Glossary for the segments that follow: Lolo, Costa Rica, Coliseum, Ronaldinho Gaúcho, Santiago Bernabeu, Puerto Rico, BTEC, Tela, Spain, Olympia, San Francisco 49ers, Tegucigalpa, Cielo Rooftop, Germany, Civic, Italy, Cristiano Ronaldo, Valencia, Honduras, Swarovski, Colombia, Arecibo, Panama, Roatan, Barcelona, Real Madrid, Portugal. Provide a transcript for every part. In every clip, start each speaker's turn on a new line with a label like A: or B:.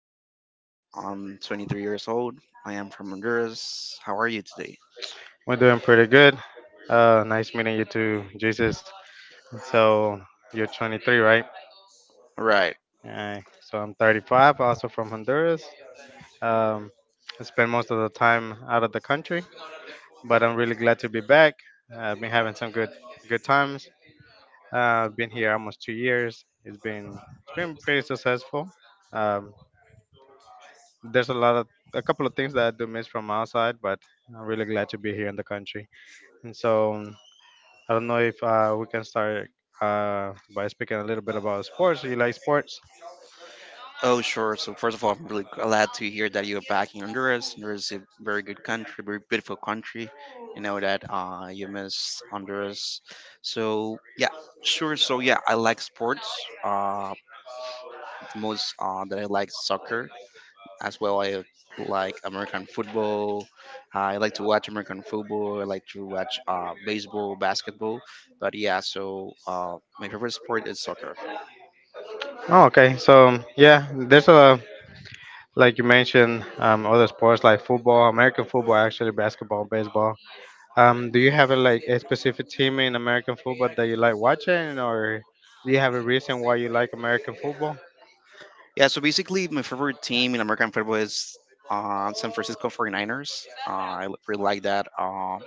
A: Jesus. I'm 23 years old. I am from Honduras. How are you today?
B: we're doing pretty good. Nice meeting you too, Jesus. So you're 23, right?
A: Right.
B: So I'm 35, also from Honduras. Um, I spend most of the time out of the country, but I'm really glad to be back. I've been having some good times. I've been here almost 2 years. It's been pretty successful. Um, there's a couple of things that I do miss from outside, but I'm really glad to be here in the country. And so I don't know if we can start by speaking a little bit about sports. You like sports?
A: Oh, sure. So, first of all, I'm really glad to hear that you're back in Honduras. Honduras is a very good country, very beautiful country. You know that you miss Honduras. So, yeah, sure. So, yeah, I like sports. The most that I like is soccer. As well, I like American football. I like to watch American football. I like to watch baseball, basketball. But yeah, so my favorite sport is soccer.
B: Oh, okay. So yeah, there's a, like you mentioned other sports like football, American football, actually basketball, baseball. Do you have a, like a specific team in American football that you like watching, or do you have a reason why you like American football?
A: Yeah, so basically, my favorite team in American football is San Francisco 49ers. I really like that.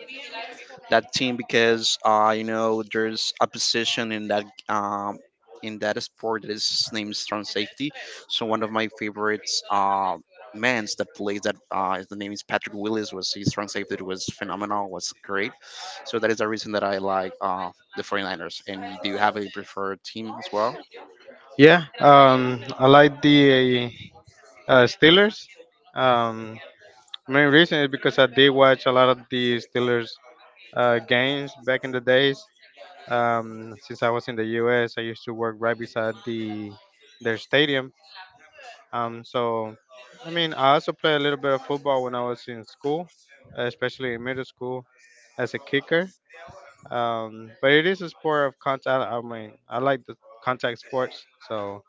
A: That team because you know there's a position in that sport that is named strong safety. So one of my favorites mans that plays that the name is Patrick Willis was his strong safety, was phenomenal, was great. So that is the reason that I like the 49ers. And do you have a preferred team as well?
B: Yeah, I like the Steelers. Um, Main reason is because I did watch a lot of the Steelers games back in the days. Since I was in the U.S., I used to work right beside their stadium. Um, so, I mean, I also played a little bit of football when I was in school, especially in middle school, as a kicker. But it is a sport of contact. I mean, I like the contact sports, so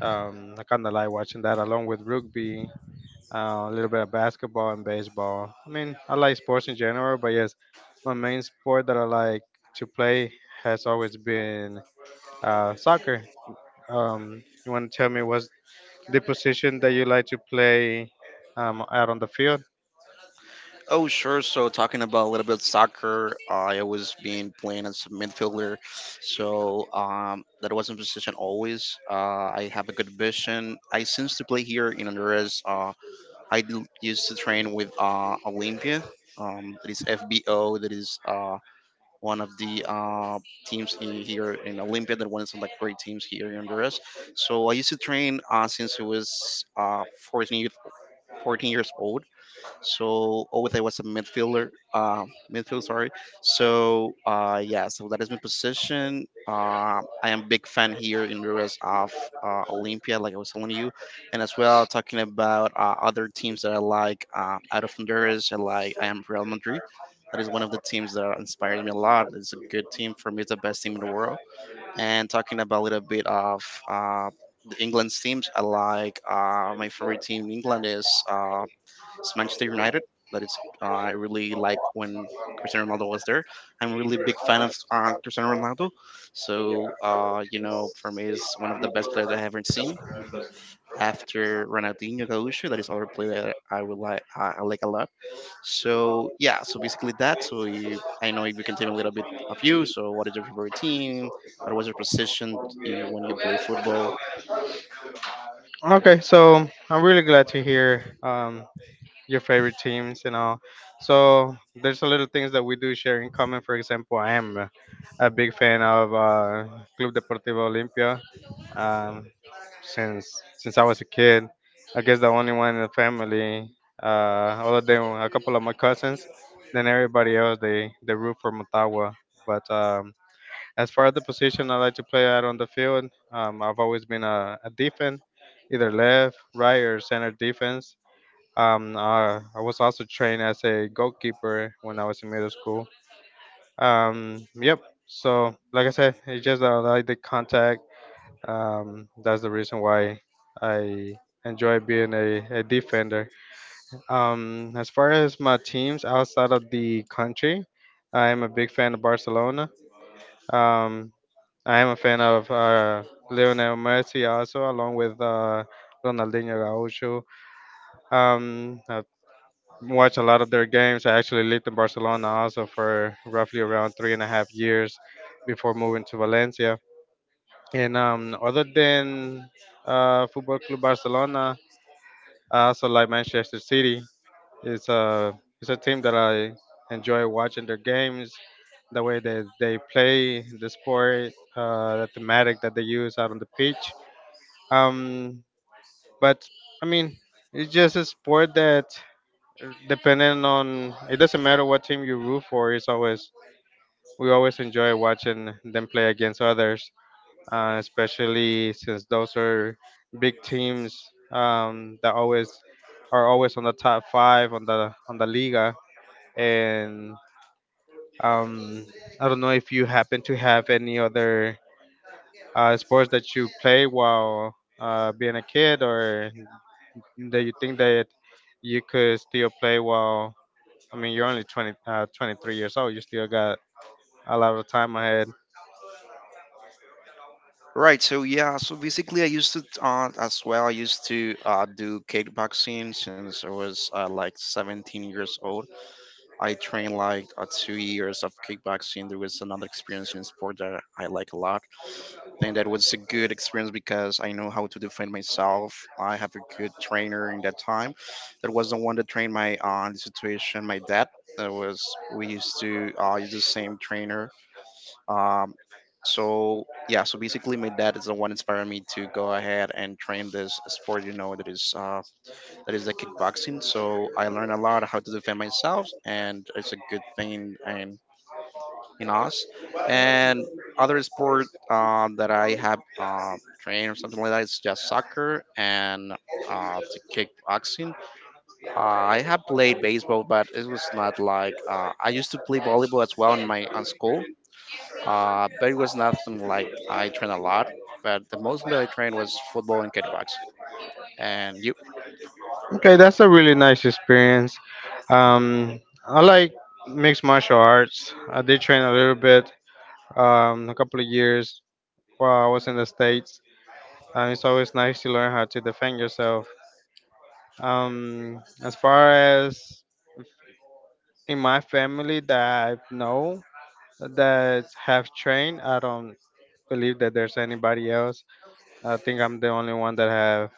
B: I kind of like watching that along with rugby, a little bit of basketball and baseball. I mean, I like sports in general, but yes, my main sport that I like to play has always been soccer. You want to tell me what's the position that you like to play out on the field?
A: Oh, sure. So, talking about a little bit of soccer, I always been playing as a midfielder. So, that was my position always. I have a good vision. I seems to play here in Honduras. I do, used to train with Olympia. That is FBO. That is one of the teams in, here in Olympia. That one of some like great teams here in Honduras. So I used to train since I was 14, years- 14 years old. So always I was a midfielder, midfield, sorry. So yeah, so that is my position. I am big fan here in the rest of Olympia, like I was telling you, and as well talking about other teams that I like out of Honduras. I am Real Madrid. That is one of the teams that inspires me a lot. It's a good team for me. It's the best team in the world. And talking about a little bit of the England's teams, I like my favorite team in England is it's Manchester United. That is, I really like when Cristiano Ronaldo was there. I'm a really big fan of Cristiano Ronaldo. So, you know, for me, is one of the best players I haven't seen after Ronaldinho Gaúcho. That is other player that I would like. I like a lot. So yeah, so basically that. So you, I know if you can tell me a little bit of you. So what is your favorite team? What was your position when you play football?
B: Okay, so I'm really glad to hear your favorite teams and all. So there's a little things that we do share in common. For example, I am a big fan of Club Deportivo Olimpia. Um, since I was a kid. I guess the only one in the family, other than a couple of my cousins. Then everybody else, they root for Motagua. But as far as the position I like to play out on the field, I've always been a defense, either left, right, or center defense. I was also trained as a goalkeeper when I was in middle school. Yep. So, like I said, it's just that I like the contact, that's the reason why I enjoy being a defender. As far as my teams outside of the country, I am a big fan of Barcelona. Um, I am a fan of Lionel Messi also, along with Ronaldinho Gaúcho. I've watched a lot of their games. I actually lived in Barcelona also for roughly around 3.5 years before moving to Valencia. And other than Football Club Barcelona, I also like Manchester City. It's a team that I enjoy watching their games, the way that they play the sport, the thematic that they use out on the pitch. Um, but I mean, it's just a sport that, depending on, it doesn't matter what team you root for. It's always, we always enjoy watching them play against others, especially since those are big teams that always are always on the top five on the Liga. And um, I don't know if you happen to have any other sports that you play while being a kid, or that you think that you could still play while. I mean, you're only 20, 23 years old. You still got a lot of time ahead.
A: Right. So yeah. So basically, I used to as well. I used to do kickboxing since I was like 17 years old. I trained like 2 years of kickboxing. There was another experience in sport that I like a lot, and that was a good experience because I know how to defend myself. I have a good trainer in that time. That was the one that trained my the situation. My dad. That was we used to use the same trainer. um, so yeah, so basically, my dad is the one inspiring me to go ahead and train this sport. You know that is the kickboxing. So I learned a lot how to defend myself, and it's a good thing in us. And other sport that I have trained or something like that is just soccer and to kickboxing. Uh, I have played baseball, but it was not like I used to play volleyball as well in my on school, but it was nothing like I trained a lot, but the most that I trained was football and kickbox. And you?
B: Okay, that's a really nice experience. Um, I like mixed martial arts. I did train a little bit, a couple of years while I was in the States. It's always nice to learn how to defend yourself. As far as in my family that I know that have trained, I don't believe that there's anybody else. I think I'm the only one that have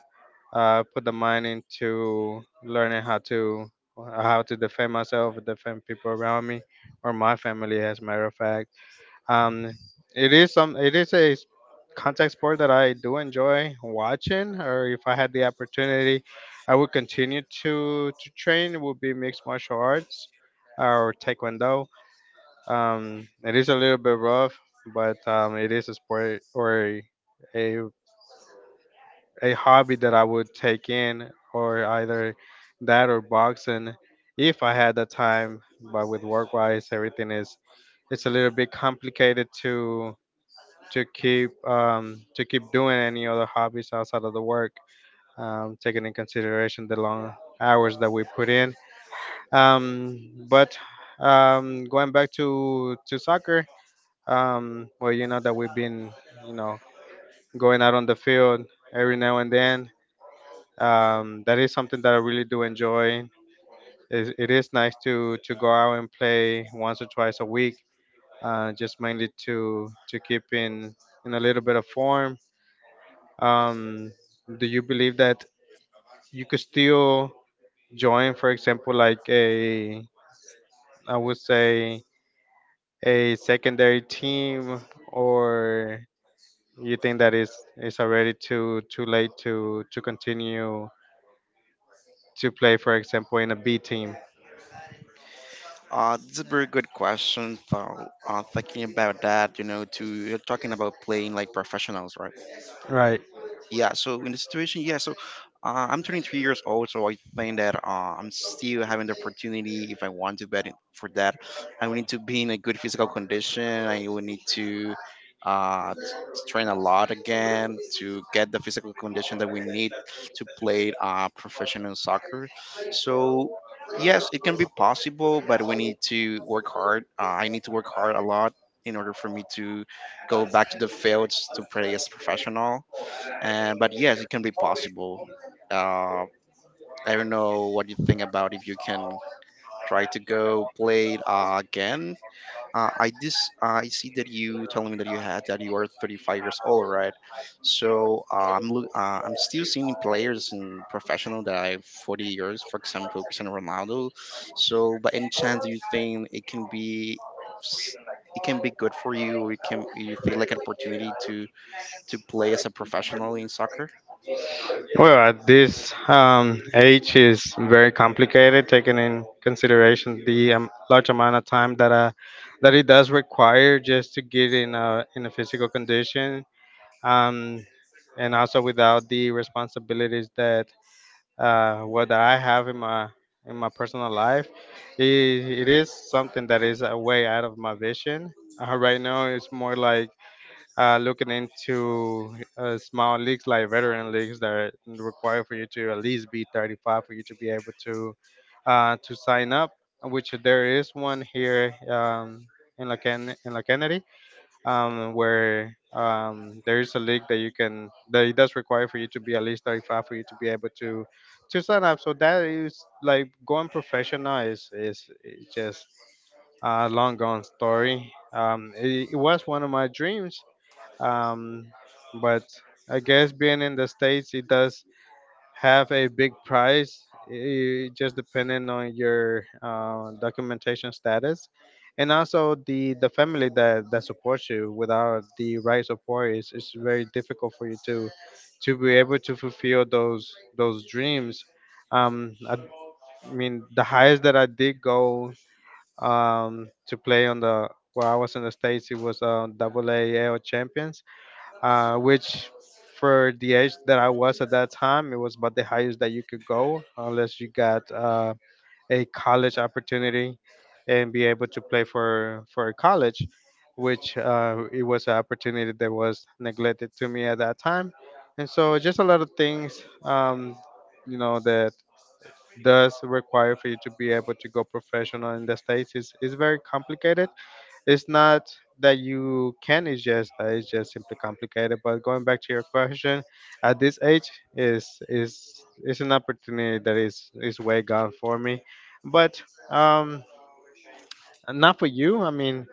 B: put the mind into learning how to, defend myself, defend people around me, or my family, as a matter of fact. Um, it is some it is a s- Contact sport that I do enjoy watching, or if I had the opportunity, I would continue to train. It would be mixed martial arts or taekwondo. It is a little bit rough, but it is a sport or a a hobby that I would take in, or either that or boxing, if I had the time. But with work wise, everything is, it's a little bit complicated to keep, to keep doing any other hobbies outside of the work, taking in consideration the long hours that we put in. But Going back to soccer, well, that we've been, you know going out on the field every now and then. That is something that I really do enjoy. It is nice to go out and play once or twice a week, just mainly to keep in a little bit of form. Um, do you believe that you could still join, for example, like a, I would say, a secondary team, or you think that is, it's already too late to continue to play, for example, in a B team?
A: It's a very good question. So, thinking about that, you know, to you're talking about playing like professionals, right?
B: Right.
A: Yeah, so in the situation, yeah, so I'm turning 3 years old, so I think that I'm still having the opportunity. If I want to bet it for that, I will need to be in a good physical condition. I will need to uh, t- to train a lot again to get the physical condition that we need to play professional soccer. So yes, it can be possible, but we need to work hard. I need to work hard a lot in order for me to go back to the fields to play as professional. And but yes, it can be possible. uh, I don't know what you think about if you can try to go play it again. I This I see that you telling me that you had that you are 35 years old, right? So I'm still seeing players in professional that are 40 years, for example Cristiano Ronaldo. So by any chance do you think it can be s- it can be good for you, or it can you feel like an opportunity to play as a professional in soccer?
B: Well, at this age is very complicated, taking in consideration the large amount of time that that it does require just to get in a, in a physical condition, um, and also without the responsibilities that what that I have in my, in my personal life, it is something that is way out of my vision. Right now, it's more like looking into small leagues like veteran leagues that are require for you to at least be 35 for you to be able to sign up, which there is one here in La Kennedy, where there is a league that you can, that it does require for you to be at least 35 for you to be able to sign up. So that is like going professional is, is just a long gone story. It was one of my dreams, um, but I guess being in the states it does have a big price. It just depending on your documentation status, and also the family that supports you. Without the right support, it's very difficult for you to be able to fulfill those dreams. Um, I, I mean, the highest that I did go to play on, the where I was in the states, it was double A AL champions, which for the age that I was at that time, it was about the highest that you could go unless you got a college opportunity and be able to play for a college, which it was an opportunity that was neglected to me at that time, and so just a lot of things, you know, that does require for you to be able to go professional in the states is very complicated. It's not that you can. It's just that, it's just simply complicated. But going back to your question, at this age, is, is an opportunity that is way gone for me. But um, not for you. I mean,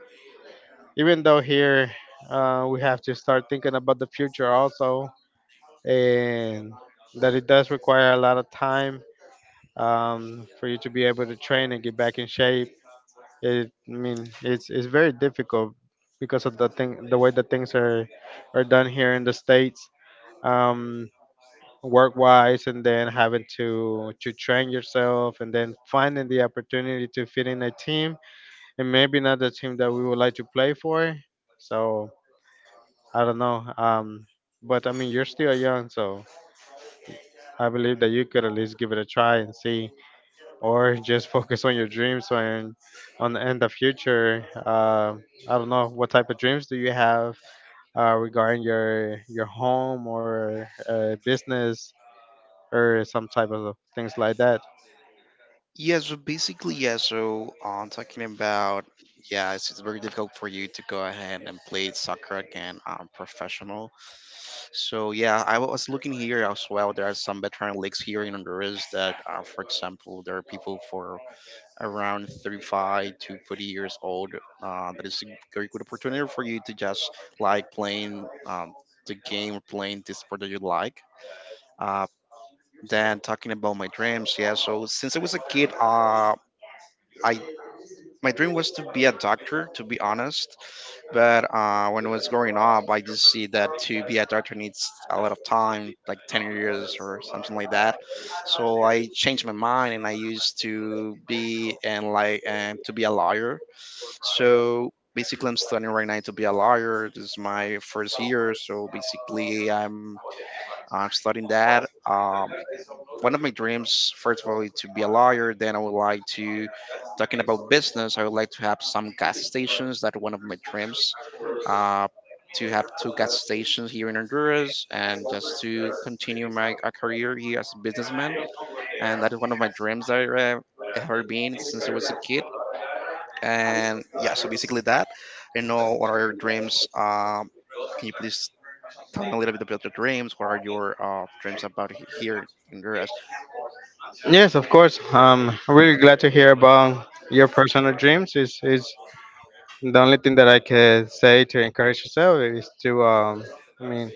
B: even though here we have to start thinking about the future also, and that it does require a lot of time for you to be able to train and get back in shape. I mean, it's very difficult because of the thing, the way that things are done here in the states, um, work wise, and then having to train yourself, and then finding the opportunity to fit in a team, and maybe not the team that we would like to play for. So I don't know. But I mean, you're still young, so I believe that you could at least give it a try and see, or just focus on your dreams and on the end of future. I don't know what type of dreams do you have regarding your home or business or some type of things like that.
A: Yeah, so basically, yeah, so talking about, yeah, it's very difficult for you to go ahead and play soccer again professional. So, yeah, I was looking here as well. There are some veteran leagues here in Honduras that, for example, there are people for around 35 to 40 years old. That is a very good opportunity for you to just like playing the game or playing the sport that you like. Uh, then talking about my dreams, yeah, so since I was a kid, I my dream was to be a doctor, to be honest. But when I was growing up, I just see that to be a doctor needs a lot of time, like 10 years or something like that. So I changed my mind and I used to be and like and to be a lawyer. So basically, I'm studying right now to be a lawyer. This is my first year, so basically, I'm studying that. One of my dreams, first of all, is to be a lawyer. Then I would like to, talking about business, I would like to have some gas stations. That one of my dreams, uh, to have two gas stations here in Honduras and just to continue my career here as a businessman. And that is one of my dreams that I have ever been since I was a kid. And yeah, so basically that. I know what are your dreams. Can you please tell me a little bit about your dreams? What are your dreams about here in Honduras?
B: Yes, of course. I'm really glad to hear about your personal dreams. Is the only thing that I can say to encourage yourself is to, I mean,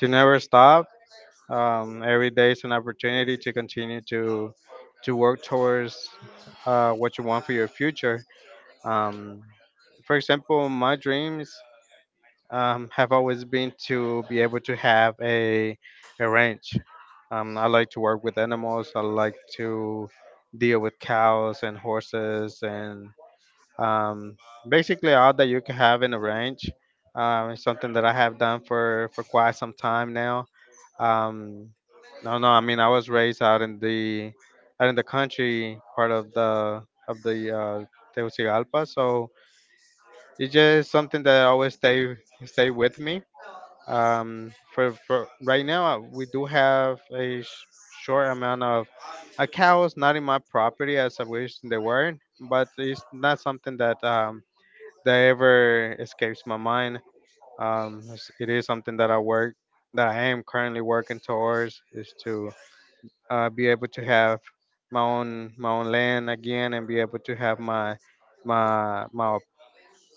B: to never stop. Every day is an opportunity to continue to work towards what you want for your future. Um, for example, my dreams have always been to be able to have a ranch. I like to work with animals. I like to deal with cows and horses and um, basically all that you can have in a ranch. It's something that I have done for quite some time now. Um, no, no, I mean, I was raised out in the country part of the of the Tegucigalpa, so it's just something that always stay with me. For right now, we do have a short amount of cows, not in my property as I wish they were, but it's not something that that ever escapes my mind. It's- it is something that I work, that I am currently working towards, is to be able to have my own land again and be able to have my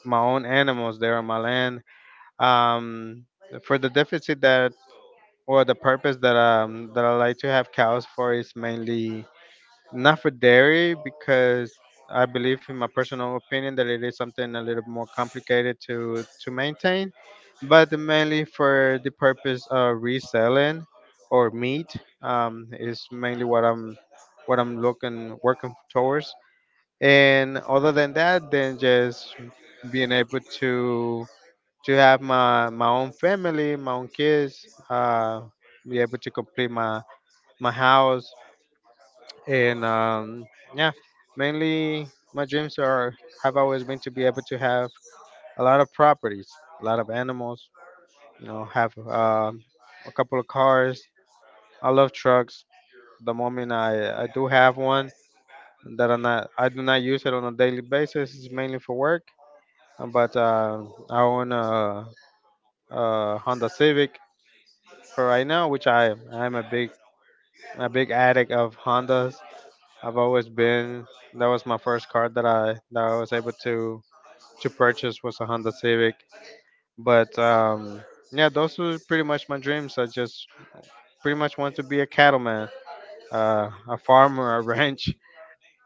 B: my own animals there on my land. Um, for the deficit that or the purpose that that I like to have cows for is mainly not for dairy because I believe, in my personal opinion, that it is something a little more complicated to maintain, but mainly for the purpose of reselling or meat is mainly what I'm looking working towards. And other than that, then just being able to have my own family, my own kids, be able to complete my house, and yeah, mainly my dreams are have always been to be able to have a lot of properties, a lot of animals. Have a couple of cars. I love trucks. The moment I do have one that I do not use it on a daily basis. It's mainly for work. But I own a Honda Civic for right now, which I'm a big addict of Hondas. I've always been. That was my first car that I was able to purchase was a Honda Civic. But Yeah, those were pretty much my dreams. I just pretty much want to be a cattleman, a farmer, a ranch.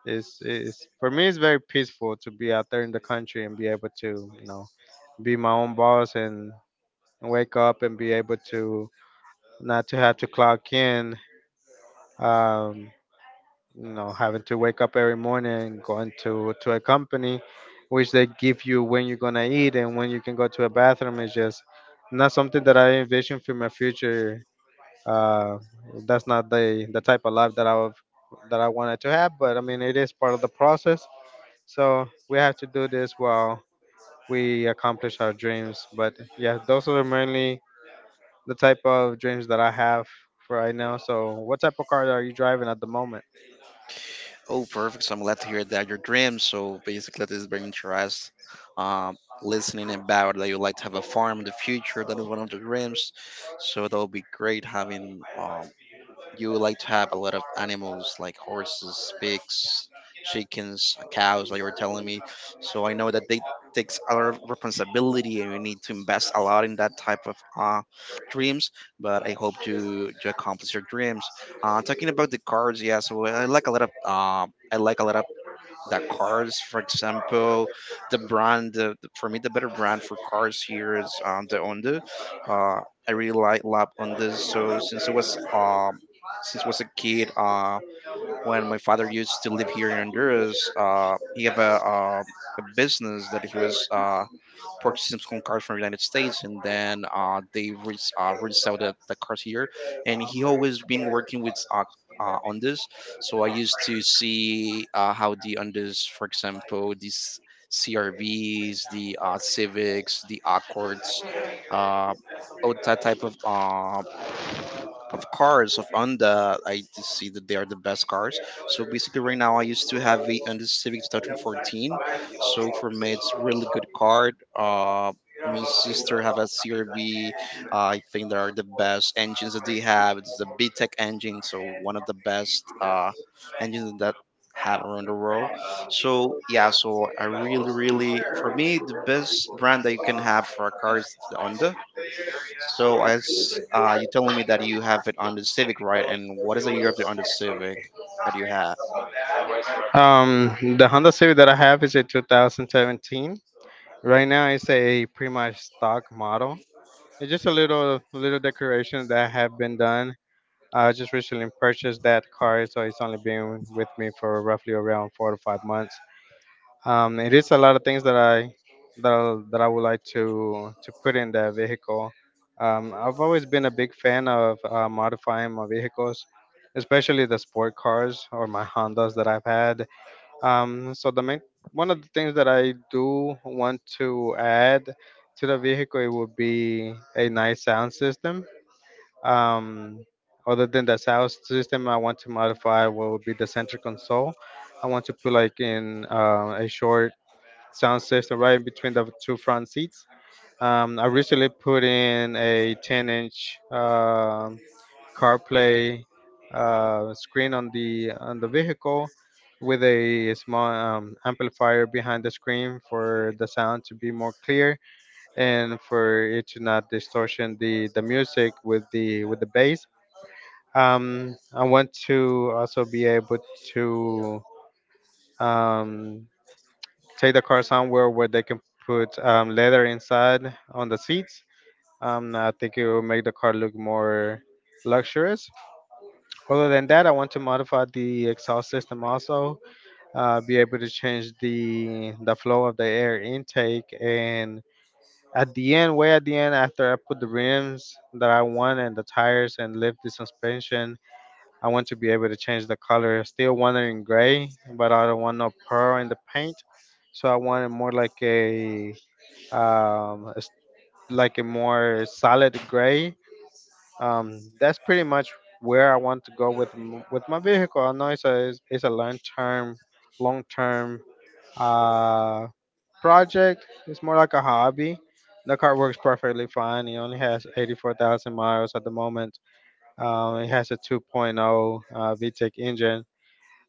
B: Is For me, it's very peaceful to be out there in the country and be able to, you know, be my own boss and wake up and be able to not to have to clock in. Um, you know, having to wake up every morning going to a company which they give you when you're gonna eat and when you can go to a bathroom is just not something that I envision for my future. uh that's not the type of life that I would that I wanted to have, but I mean, it is part of the process, so we have to do this while we accomplish our dreams. But yeah, those are mainly the type of dreams that I have for right now. So what type of car are you driving at the moment?
A: Oh, perfect. So I'm glad to hear that your dream. So basically, this is very interesting. Um, Listening about that you like to have a farm in the future. That is one of the dreams. So that will be great having, you would like to have a lot of animals like horses, pigs, chickens, cows, like you were telling me. So I know that they takes a lot of responsibility and you need to invest a lot in that type of dreams, but I hope you accomplish your dreams. Talking about the cards, yeah. So I like a lot of the cars. For example, the brand, for me the better brand for cars here is the Honda. uh, I really like love Hondas. Since I was a kid, when my father used to live here in Honduras, he have uh, a business that he was purchase some cars from the United States, and then they resell the cars here. And he always been working with on this. So I used to see how the on this, for example, these CRVs, the Civics, the Accords, uh, all that type of cars of Honda. I just see that they are the best cars. So basically, right now I used to have a Honda Civic 2014. So for me, it's really good car. My sister have a CRV. I think they are the best engines that they have. It's the BTEC engine, so one of the best engines that have around the world. So yeah, so I really, really, for me the best brand that you can have for a car is the Honda. So as you telling me that you have it on the Civic, right? And what is the year of the on the Civic that you have?
B: The Honda Civic that I have is a 2017. Right now, it's a pretty much stock model. It's just a little decorations that have been done. I just recently purchased that car, so it's only been with me for roughly around four to five months. It is a lot of things that that I would like to put in that vehicle. I've always been a big fan of modifying my vehicles, especially the sport cars or my Hondas that I've had. So the main One of the things that I do want to add to the vehicle, it would be a nice sound system. Um, Other than the sound system, I want to modify what would be the center console. I want to put like in a short sound system right between the two front seats. I recently put in a 10-inch CarPlay screen on the vehicle with a small amplifier behind the screen for the sound to be more clear and for it to not distortion the music with the bass. I want to also be able to um, take the car somewhere where they can put leather inside on the seats. I think it will make the car look more luxurious. Other than that, I want to modify the exhaust system also, be able to change the flow of the air intake, and at the end, way at the end, after I put the rims that I want and the tires and lift the suspension, I want to be able to change the color. Still want it in gray, but I don't want no pearl in the paint, so I want it more like a um, s- like a more solid gray. That's pretty much where I want to go with my vehicle. I know it's a long term uh, project. It's more like a hobby. The car works perfectly fine. It only has 84,000 miles at the moment. It has a 2.0 VTEC engine.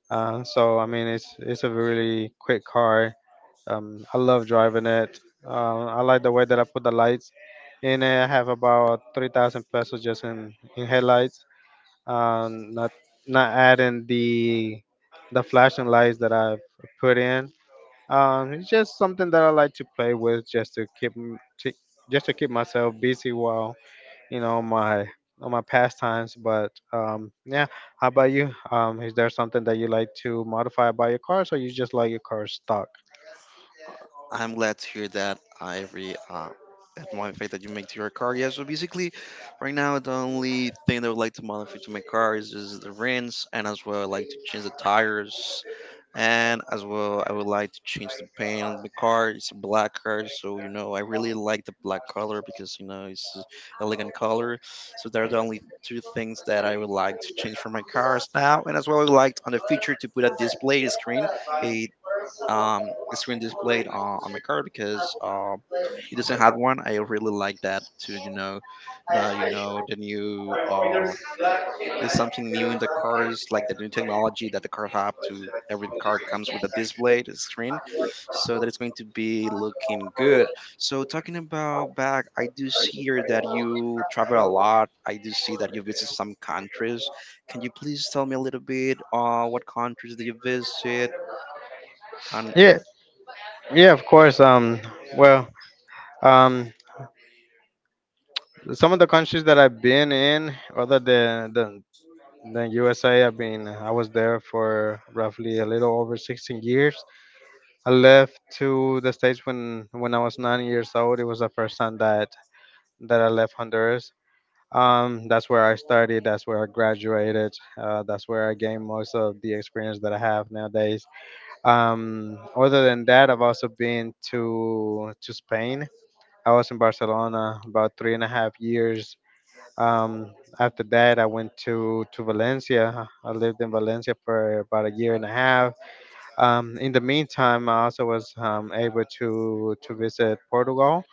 B: So I mean, it's a really quick car. I love driving it. I like the way that I put the lights in it. I have about 3,000 pesos just in headlights, uh, not not adding the flashing lights that I've put in. It's just something that I like to play with, just to keep myself busy while, you know, my on my pastimes. But Yeah, how about you? Is there something that you like to modify about your cars, or you just like your car stock?
A: I'm glad to hear that, Ivory. That modify that you make to your car. Yeah, so basically, right now the only thing that I would like to modify to my car is the rims, and as well I like to change the tires, and as well I would like to change the paint on the car. It's a black car, so I really like the black color because it's a elegant color. So there are the only two things that I would like to change for my cars now, and as well I would like on the future to put a display screen, a screen displayed on my car because it doesn't have one. I really like that to that the new there's something new in the cars like the new technology that the car have to every car comes with a display the screen so that it's going to be looking good. So talking about back, I do see here that you travel a lot. I do see that you visit some countries. Can you please tell me a little bit what countries do you visit? And.
B: Yeah, yeah, of course. Well, um, some of the countries that I've been in, other than the And Then USA, I mean, I was there for roughly a little over 16 years. I left to the States when I was 9 years old. It was the first time that I left Honduras. That's where I studied. That's where I graduated. That's where I gained most of the experience that I have nowadays. Other than that, I've also been to Spain. I was in Barcelona about three and a half years. Um, After that, I went to Valencia. I lived in Valencia for about a year and a half. In the meantime, I also was able to visit Portugal.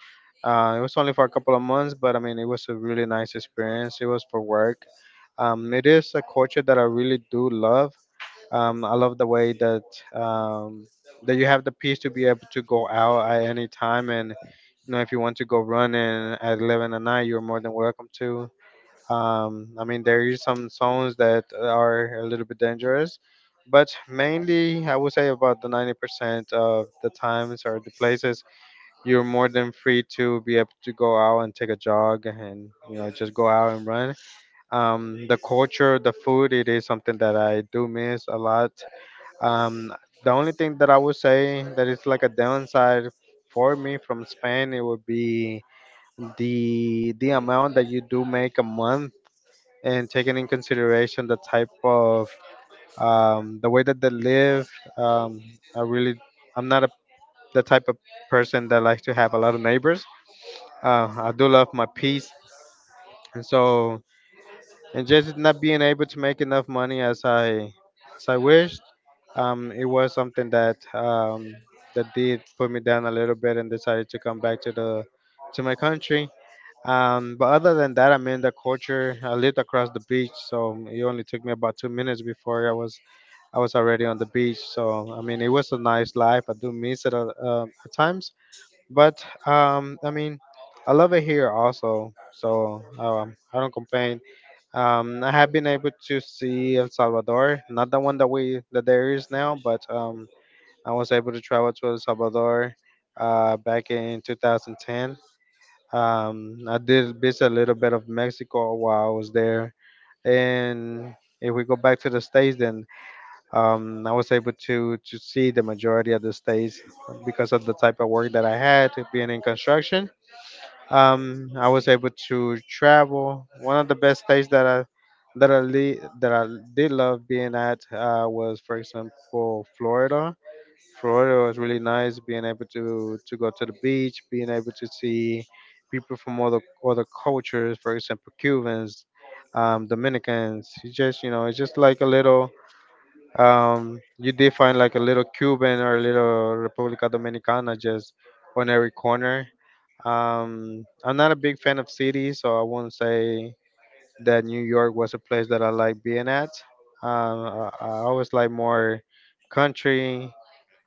B: It was only for a couple of months, but I mean, it was a really nice experience. It was for work. It is a culture that I really do love. I love the way that um, that you have the peace to be able to go out at any time, and you know, if you want to go running at 11 at night, you're more than welcome to. I mean, there is some songs that are a little bit dangerous, but mainly I would say about the 90% of the times or the places you're more than free to be able to go out and take a jog and, you know, just go out and run. The culture, the food, it is something that I do miss a lot. Um, the only thing that I would say that is like a downside for me from Spain, it would be the amount that you do make a month and taking in consideration the type of the way that they live. I really, I'm not a, The type of person that likes to have a lot of neighbors. I do love my peace, and so and just not being able to make enough money as I wish, it was something that that did put me down a little bit and decided to come back to the to my country. But other than that, I mean the culture. I lived across the beach, so it only took me about 2 minutes before I was already on the beach. So I mean it was a nice life. I do miss it, at times, but I mean, I love it here also. So I don't complain. I have been able to see El Salvador, not the one that we that there is now, but I was able to travel to El Salvador back in 2010. I did visit a little bit of Mexico while I was there, and if we go back to the states, then I was able to see the majority of the states because of the type of work that I had being in construction. I was able to travel. One of the best states that I did love being at, was, for example, Florida. Florida was really nice, being able to go to the beach, being able to see people from other cultures, for example, Cubans, Dominicans. It's just it's just like a little. You did find like a little Cuban or a little República Dominicana just on every corner. I'm not a big fan of cities, so I won't say that New York was a place that I like being at. I always like more country.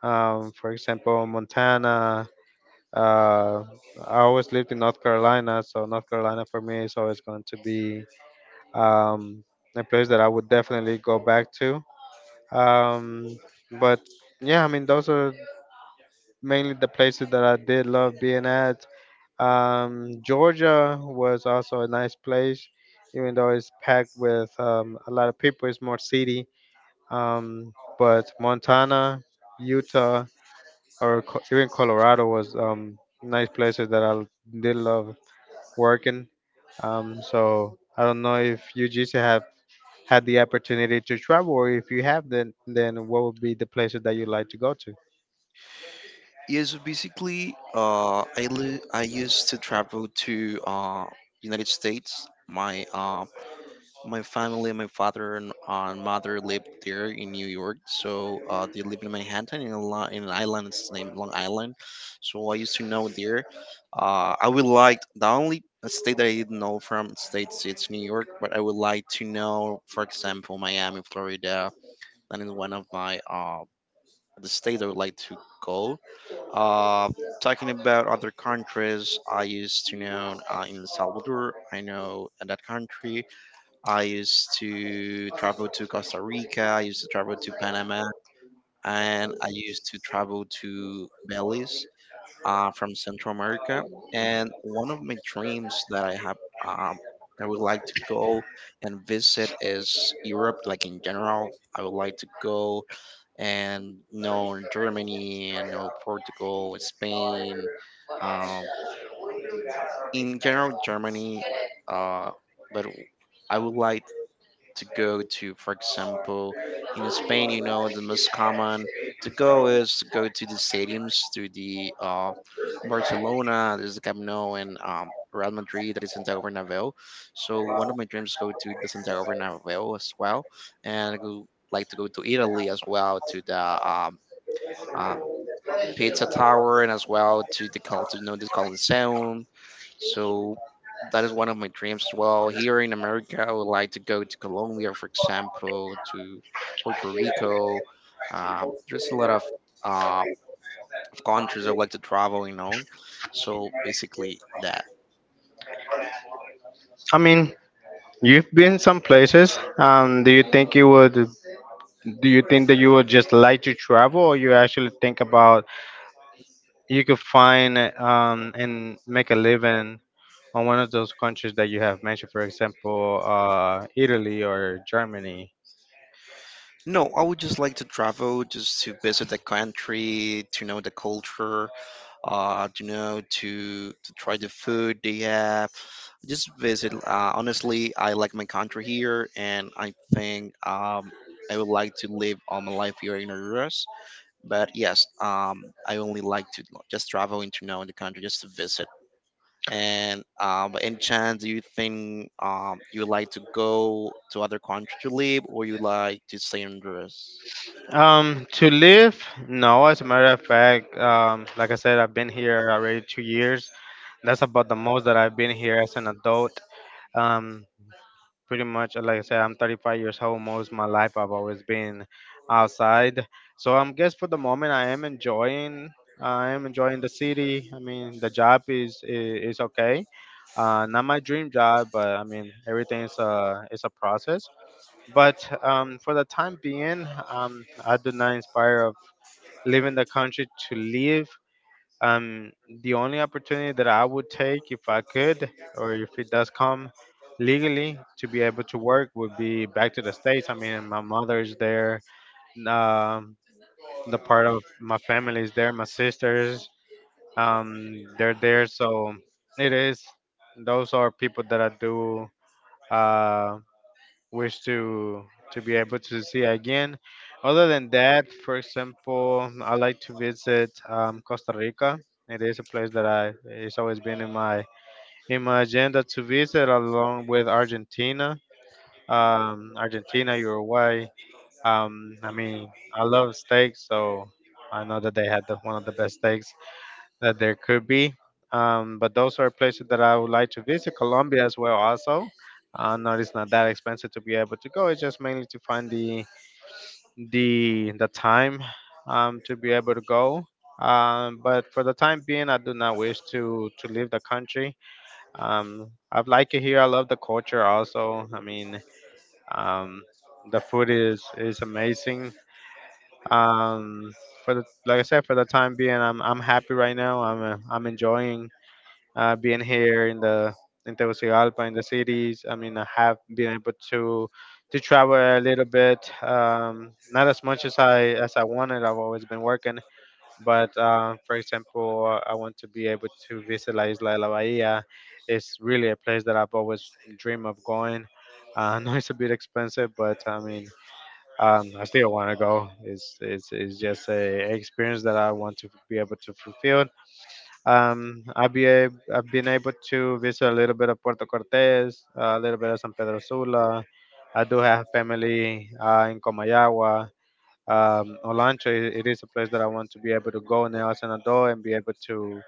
B: For example, Montana. Uh, I always lived in North Carolina, so North Carolina for me is always going to be um, a place that I would definitely go back to. Um, but yeah, I mean those are mainly the places that I did love being at. Georgia was also a nice place, even though it's packed with a lot of people. It's more city. Um, but Montana, Utah, or even Colorado was nice places that I did love working. So I don't know if you just have had the opportunity to travel, or if you have, then what would be the places that you like to go to?
A: Yes, basically, I used to travel to United States. My family, my father and mother lived there in New York, so they live in Manhattan in an island. It's named Long Island, so I used to know there. I would like the only state that I didn't know from states it's New York, but I would like to know, for example, Miami, Florida. That is one of my the states I would like to go uh, talking about other countries, I used to know in El Salvador, I know that country. I used to travel to Costa Rica, I used to travel to Panama, and I used to travel to Belize from Central America. And one of my dreams that I have, um, I would like to go and visit is Europe, like in general. I would like to go and know Germany and know Portugal, Spain, um, in general Germany. Uh, but I would like to go to, for example, in Spain, the most common to go is to go to the stadiums, to the Barcelona, there's the Camp Nou, and Real Madrid, that is Santiago Bernabeu. So one of my dreams is go to the Santiago Bernabeu as well, and I would like to go to Italy as well, to the um, pizza tower and as well to the call to know the Coliseum. So that is one of my dreams as well. Here in America, I would like to go to Colombia, for example, to Puerto Rico. There's a lot of uh, of countries I would like to travel. So basically that.
B: I mean, you've been some places. Do you think you would? Do you think that you would just like to travel, or you actually think about you could find and make a living on one of those countries that you have mentioned, for example, Italy or Germany?
A: No, I would just like to travel just to visit the country, to know the culture, to try the food they have. Just visit. Honestly, I like my country here, and I think I would like to live all my life here in the US. But yes, I only like to just travel into know the country just to visit. And by any chance, do you think you would like to go to other country to live, or you like to stay in the US?
B: To live, no. As a matter of fact, like I said, I've been here already 2 years. That's about the most that I've been here as an adult. Um, pretty much like I said, I'm 35 years old. Most of my life I've always been outside. So I'm guess for the moment I am enjoying. I am enjoying the city. I mean, the job is okay. Not my dream job, but I mean, everything is a process. But for the time being, I do not inspire of leaving the country to live. Um, the only opportunity that I would take if I could, or if it does come legally to be able to work, would be back to the States. I mean, my mother's there, um, the part of my family is there, my sisters, they're there. So it is, those are people that I do. Uh, Wish to be able to see again. Other than that, for example, I like to visit Costa Rica. It is a place that I it's always been in my agenda to visit, along with Argentina, Uruguay. I mean, I love steak, so I know that they had the, one of the best steaks that there could be. But those are places that I would like to visit. Colombia as well, also. No, it's not that expensive to be able to go. It's just mainly to find the time to be able to go. But for the time being, I do not wish to leave the country. I like it here. I love the culture. Also, I mean, um, the food is amazing. Um, for the like I said, for the time being, I'm happy right now. I'm enjoying being here in the in Tegucigalpa in the cities. I mean, I have been able to travel a little bit, not as much as I wanted. I've always been working, but for example, I want to be able to visit La Isla de la Bahia. It's really a place that I've always dreamed of going. I know it's a bit expensive, but I mean, I still want to go. It's just a experience that I want to be able to fulfill. I've been able to visit a little bit of Puerto Cortes, a little bit of San Pedro Sula. I do have family in Comayagua. Olancho, it is a place that I want to be able to go now as an adult and be able to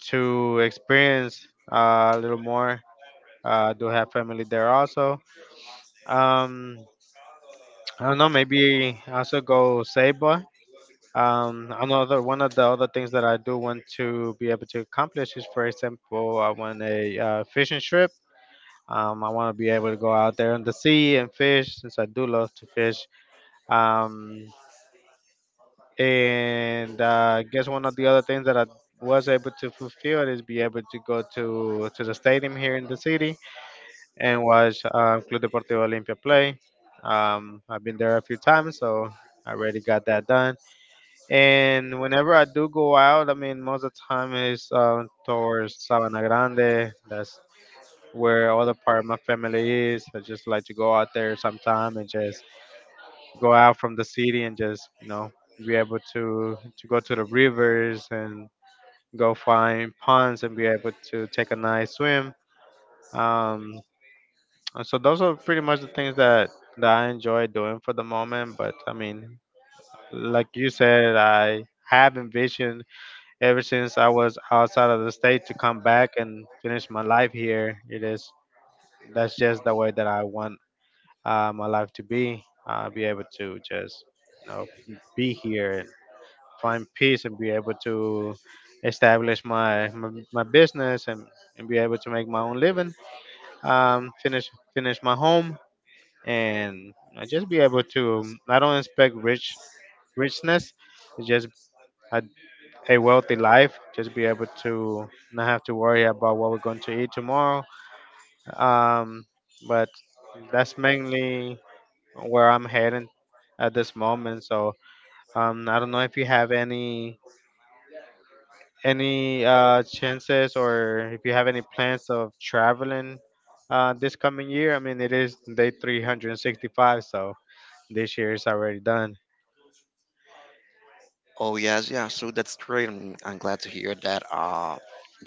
B: experience a little more. I do have family there also. Um, I don't know, maybe also go Ceiba. Another one of the other things that I do want to be able to accomplish is, for example, I want a fishing trip. I want to be able to go out there on the sea and fish, since I do love to fish. Um, and I guess one of the other things that I was able to fulfill is be able to go to the stadium here in the city and watch Club Deportivo Olimpia play. I've been there a few times, so I already got that done. And whenever I do go out, I mean, most of the time is towards Sabana Grande. That's where all the part of my family is. I just like to go out there sometime and just go out from the city and just, you know, be able to go to the rivers and go find ponds and be able to take a nice swim. Um, and so those are pretty much the things that I enjoy doing for the moment. But I mean, like you said, I have envisioned ever since I was outside of the state to come back and finish my life here, it is that's just the way that I want my life to be. Be able to just you know be here and find peace and be able to establish my business and be able to make my own living. Finish my home and you know, just be able to. I don't expect richness. It's just I a wealthy life, just be able to not have to worry about what we're going to eat tomorrow. Um, but that's mainly where I'm heading at this moment. So I don't know if you have any chances or if you have any plans of traveling this coming year. I mean, it is day 365, so this year is already done.
A: Oh yes, yeah. So that's great. I'm glad to hear that.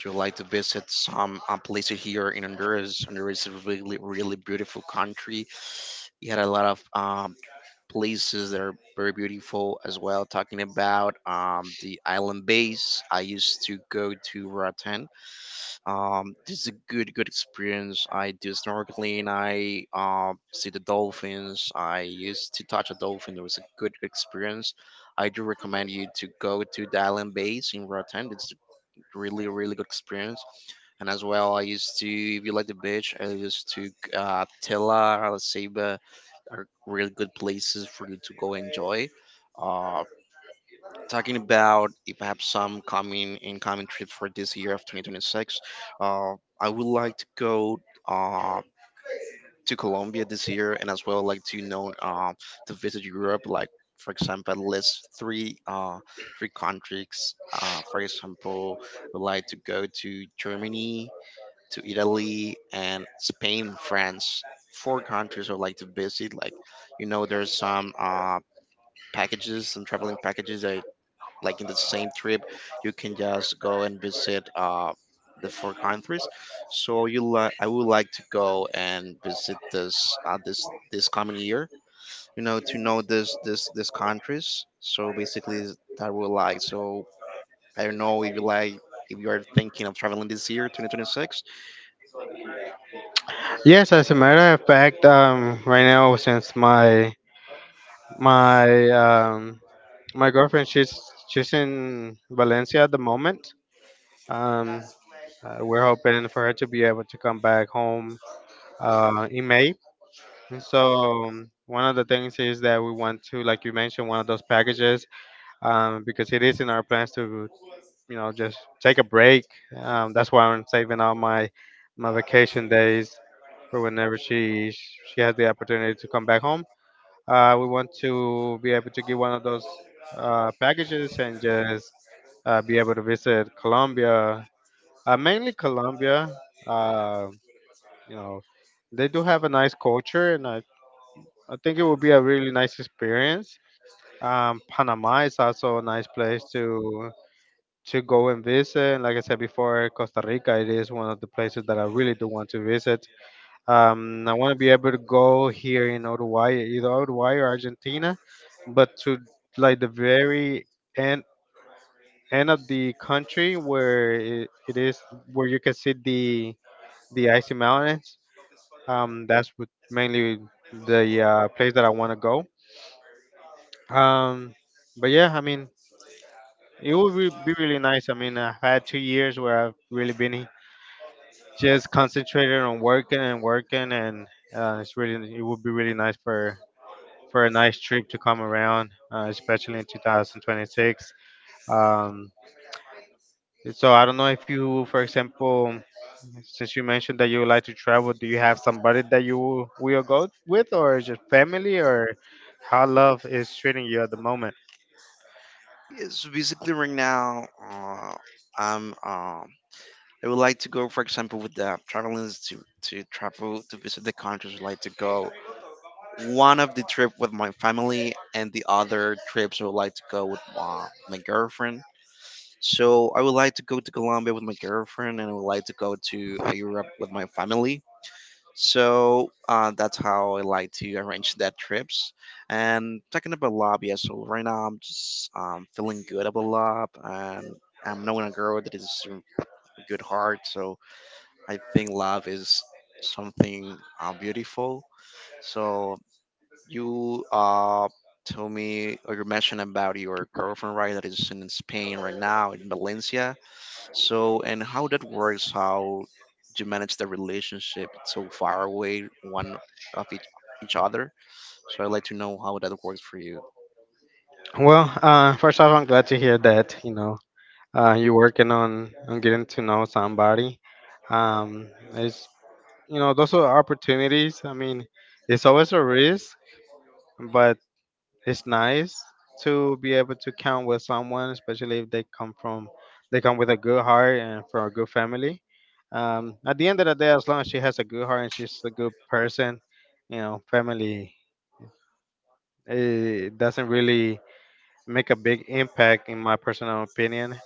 A: You like to visit some places here in Honduras. Honduras is a really, really beautiful country. You had a lot of places that are very beautiful as well. Talking about the island base, I used to go to Roatan this is a good, good experience. I do snorkeling. I see the dolphins. I used to touch a dolphin. It was a good experience. I do recommend you to go to the island base in Rotan. It's really, really good experience. And as well, I used to, if you like the beach, I used to Tela, Arecibo are really good places for you to go enjoy. Uh, talking about if I have some coming incoming trips for this year of 2026, uh, I would like to go uh, to Colombia this year, and as well like to to visit Europe. Like for example, list three countries. For example, I would like to go to Germany, to Italy, and Spain, France. Four countries I would like to visit. Like there's some packages, some traveling packages that like in the same trip you can just go and visit the four countries, so you like I would like to go and visit this this coming year, to know this countries. So basically that would like. So I don't know if you are thinking of traveling this year 2026.
B: Yes, as a matter of fact, right now since my um, my girlfriend, she's in Valencia at the moment. Um, we're hoping for her to be able to come back home in May. And so one of the things is that we want to, like you mentioned, one of those packages because it is in our plans to, you know, just take a break. That's why I'm saving all my vacation days for whenever she has the opportunity to come back home. We want to be able to get one of those packages and just be able to visit Colombia, mainly Colombia. Uh, you know, they do have a nice culture, and I think it would be a really nice experience. Panama is also a nice place to go and visit. And like I said before, Costa Rica it is one of the places that I really do want to visit. I want to be able to go here in Uruguay, either Uruguay or Argentina, but to like the very end end of the country where it is where you can see the icy mountains. That's what mainly the place that I want to go. Um, but yeah, I mean, it would be really nice. I mean, I've had 2 years where I've really been just concentrated on working and working, and it's really it would be really nice for a nice trip to come around, especially in 2026. Um, so I don't know if you, for example, since you mentioned that you like to travel, do you have somebody that you will go with, or is it family, or how love is treating you at the moment?
A: Yes, basically right now i'm um I would like to go, for example, with the traveling to travel to visit the countries. I'd like to go one of the trip with my family, and the other trips I would like to go with my girlfriend. So I would like to go to Colombia with my girlfriend, and I would like to go to Europe with my family. So that's how I like to arrange that trips. And talking about love, yeah. So right now I'm just feeling good about love, and I'm knowing a girl that is a good heart. So I think love is something beautiful. So you told me or you mentioned about your girlfriend, right? That is in Spain right now, in Valencia. So, and how that works? How you manage the relationship so far away one of each other? So I'd like to know how that works for you.
B: Well, first off, I'm glad to hear that you know you're working on getting to know somebody. It's you know those are opportunities. I mean, it's always a risk, but it's nice to be able to count with someone, especially if they come from they come with a good heart and from a good family. At the end of the day, as long as she has a good heart and she's a good person, you know, family it doesn't really make a big impact in my personal opinion.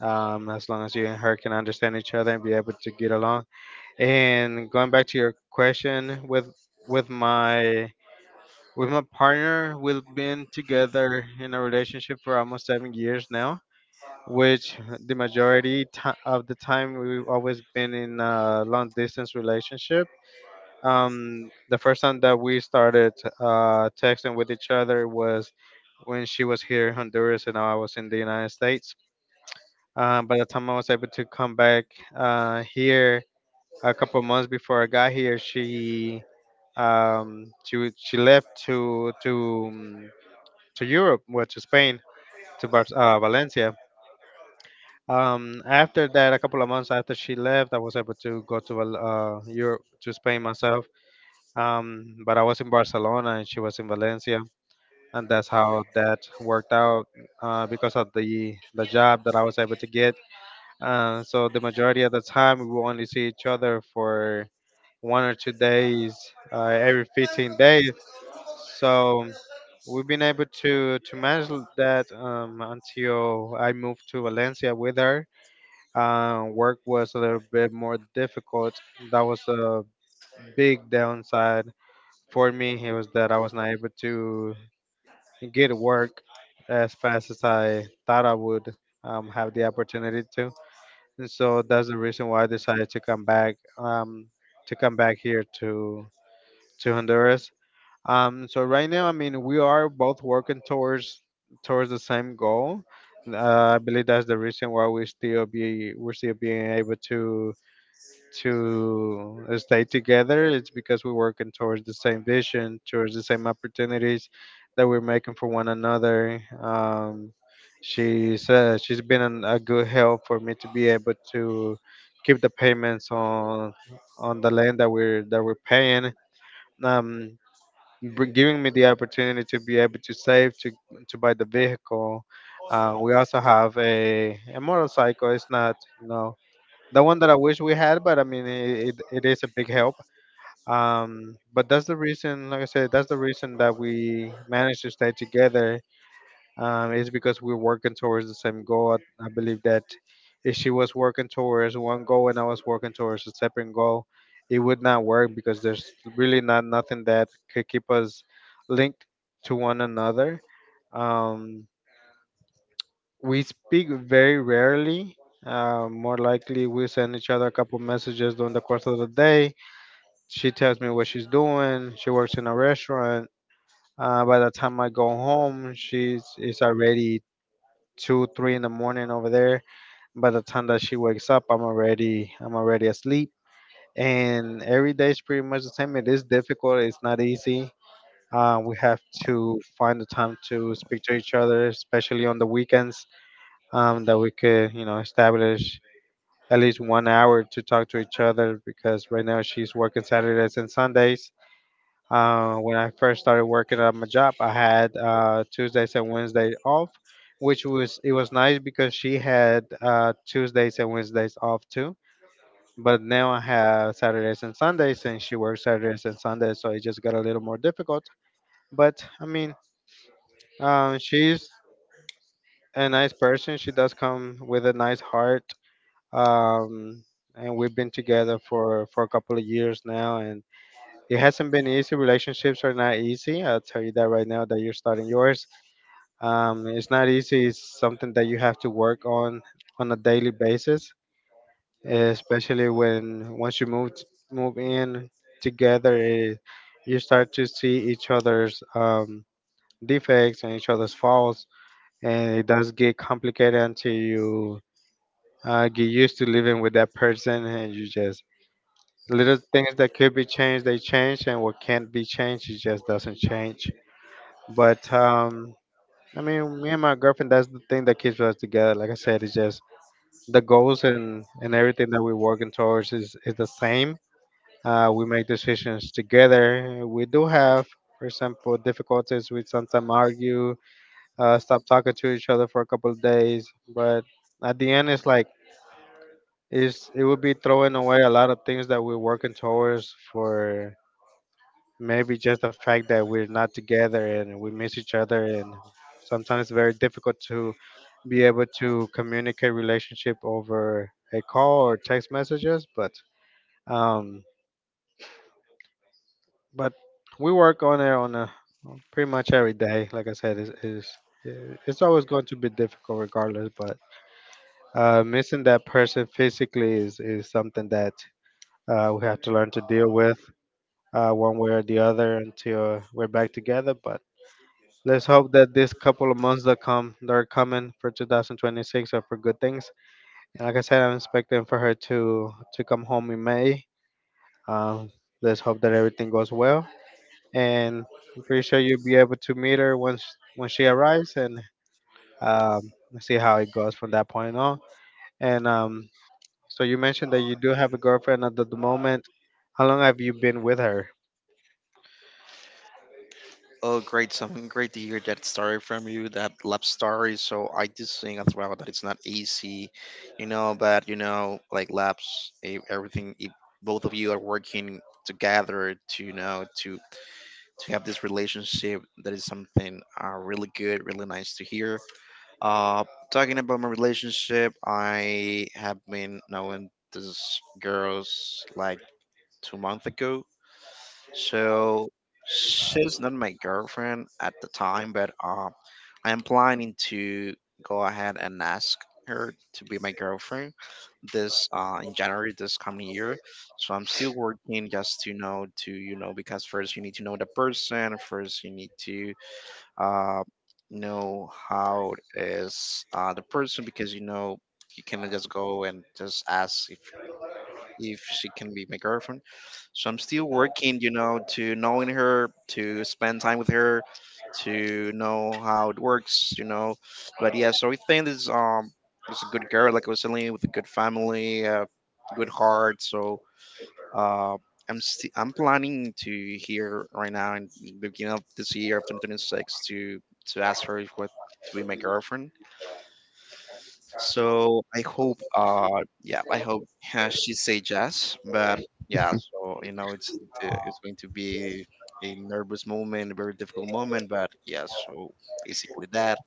B: As long as you and her can understand each other and be able to get along. And going back to your question with my with my partner, we've been together in a relationship for almost 7 years now, which the majority ti of the time we've always been in a long distance relationship. The first time that we started texting with each other was when she was here in Honduras and I was in the United States. By the time I was able to come back here a couple months before I got here, she left um, to Europe, well, to Spain, to Valencia. After that, a couple of months after she left, I was able to go to Europe to Spain myself. But I was in Barcelona and she was in Valencia, and that's how that worked out because of the job that I was able to get. So the majority of the time, we will only see each other for one or two days uh, every 15 days. So we've been able to manage that until I moved to Valencia with her. Work was a little bit more difficult. That was a big downside for me. It was that I was not able to get work as fast as I thought I would have the opportunity to. And so that's the reason why I decided to come back here to Honduras. So right now, I mean, we are both working towards towards the same goal. I believe that's the reason why we're still being able to stay together. It's because we're working towards the same vision, towards the same opportunities that we're making for one another. She's been a good help for me to be able to keep the payments on the land that we're paying. Um, Giving me the opportunity to be able to save to buy the vehicle. We also have a motorcycle. It's not you know the one that I wish we had, but I mean it is a big help. But that's the reason, like I said, that's the reason that we managed to stay together. It's because we're working towards the same goal. I believe that if she was working towards one goal and I was working towards a separate goal, it would not work because there's really not nothing that could keep us linked to one another. Um, we speak very rarely. More likely, we send each other a couple messages during the course of the day. She tells me what she's doing. She works in a restaurant. By the time I go home, she's it's already two, three in the morning over there. By the time that she wakes up, I'm already asleep. And every day is pretty much the same. It is difficult. It's not easy. We have to find the time to speak to each other, especially on the weekends, that we could establish at least one hour to talk to each other because right now she's working Saturdays and Sundays. Uh, when I first started working at my job, I had Tuesdays and Wednesdays off, which was it was nice because she had Tuesdays and Wednesdays off too. But now I have Saturdays and Sundays, and she works Saturdays and Sundays, so it just got a little more difficult. But I mean, she's a nice person. She does come with a nice heart. Um, and we've been together for a couple of years now, and it hasn't been easy. Relationships are not easy. I'll tell you that right now that you're starting yours. It's not easy. It's something that you have to work on a daily basis, especially when once you move move in together, you start to see each other's defects and each other's faults, and it does get complicated until you get used to living with that person, and you just little things that could be changed they change and what can't be changed it just doesn't change. But I mean, me and my girlfriend, that's the thing that keeps us together. Like I said, it's just the goals and everything that we're working towards is the same. We make decisions together. We do have, for example, difficulties. We sometimes argue, stop talking to each other for a couple of days. But at the end, it's like it would be throwing away a lot of things that we're working towards for maybe just the fact that we're not together and we miss each other, and sometimes it's very difficult to be able to communicate relationship over a call or text messages. Um but We work on it on a pretty much every day. Like I said, is it's always going to be difficult regardless. But Missing that person physically is something that we have to learn to deal with one way or the other until we're back together. But Let's hope that this couple of months that come that are coming for 2026 are for good things. And like I said, I'm expecting for her to come home in May. Um, let's hope that everything goes well. And I'm pretty sure you'll be able to meet her once when she arrives, and um, see how it goes from that point on. And so you mentioned that you do have a girlfriend at the moment. How long have you been with her?
A: Oh, great! Something great to hear that story from you, that love story. So I do think as well that it's not easy. But like labs, everything. If both of you are working together to you know to have this relationship. That is something really good, really nice to hear. Uh, talking about my relationship, I have been knowing this girls like 2 months ago. So she's not my girlfriend at the time, but I am planning to go ahead and ask her to be my girlfriend this in January this coming year. So I'm still working just to know to because first you need to know the person. First you need to uh, know how is the person because you cannot just go and just ask if she can be my girlfriend. So I'm still working, to knowing her, to spend time with her, to know how it works. But yeah, so I think this it's a good girl, like I was telling you, with a good family, good heart. So uh, I'm sti I I'm planning to here right now in the beginning of this year of 2026 to ask her if what to be my girlfriend. So I hope, yeah, I hope she say yes. But yeah, so it's it's going to be a nervous moment, a very difficult moment. But yeah, so basically that.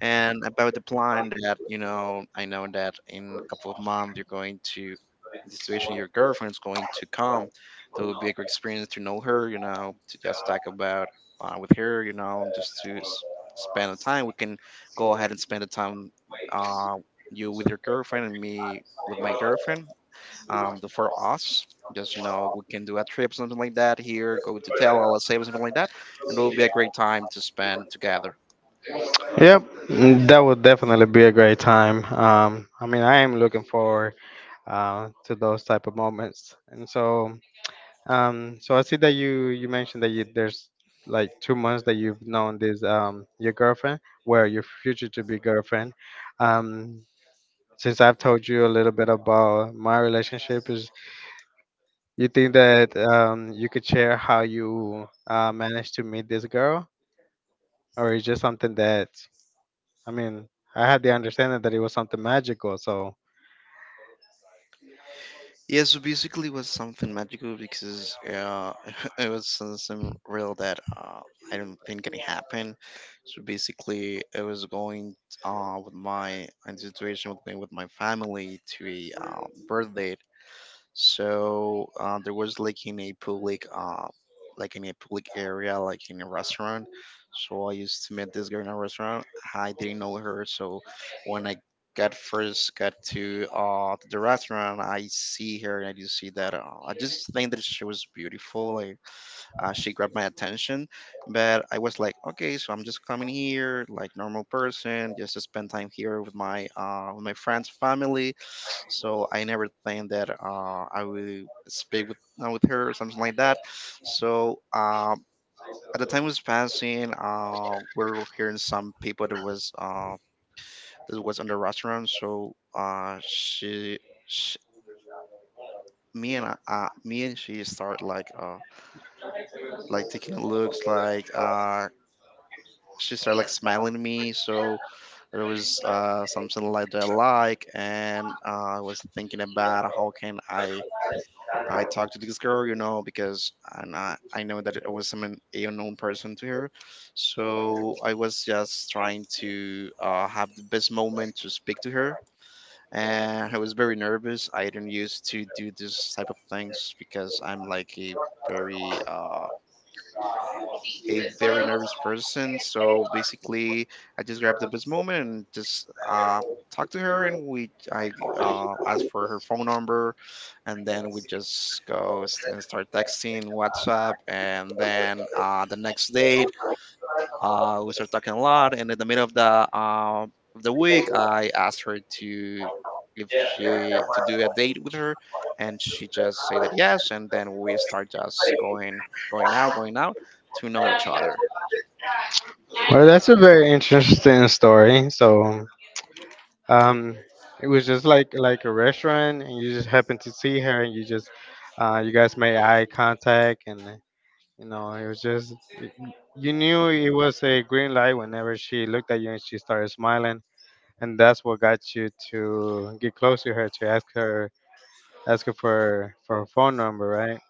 A: And about the plan that, I know that in a couple of months you're going to the situation your girlfriend's going to come. That will be a great experience to know her, to just talk about with her, just to spend the time. We can go ahead and spend the time uh, you with your girlfriend and me with my girlfriend. The for us, just we can do a trip, something like that here, go to Tell, let's say something like that, and it will be a great time to spend together.
B: Yep, mm, that would definitely be a great time. I mean, I am looking forward to those type of moments. And so, so I see that you mentioned that you there's like 2 months that you've known this your girlfriend, where your future to be girlfriend. Um, since I've told you a little bit about my relationship, is you think that you could share how you managed to meet this girl, or is just something that I mean. I had the understanding that it was something magical, so
A: Yeah, so basically, it was something magical because it was some real that I don't think can happen. So basically, I was going with my in situation with my family to a birthday, so there was like in a public area, like in a restaurant. So I used to meet this girl in a restaurant. I didn't know her, so when I got first got to the restaurant, I see her and I just think that she was beautiful. Like she grabbed my attention, but I was like, okay, so I'm just coming here like normal person, just to spend time here with my friends family. So I never think that I will speak with her or something like that. so um, at the time was passing, we were hearing some people that was in the restaurant. So she, me and she start like like taking a looks, like, she started like smiling at me. So it was something like that I like, and I was thinking about how can I talk to this girl, you know, because and I know that I was an unknown person to her. So I was just trying to have the best moment to speak to her. And I was very nervous. I didn't used to do this type of things because I'm like very uh, a very nervous person. So basically, I just grabbed the best moment and just talked to her, and we I asked for her phone number, and then we just and start texting WhatsApp, and then the next day we started talking a lot, and in the middle of the of the week, I asked her to if she to do a date with her, and she just said that yes, and then we start just going, going out, going out, to know each other.
B: well, that's a very interesting story. So, um it was just like a restaurant and you just happened to see her, and you just you guys made eye contact, and you know it was just you knew it was a green light whenever she looked at you and she started smiling, and that's what got you to get close to her to ask her for her phone number, right?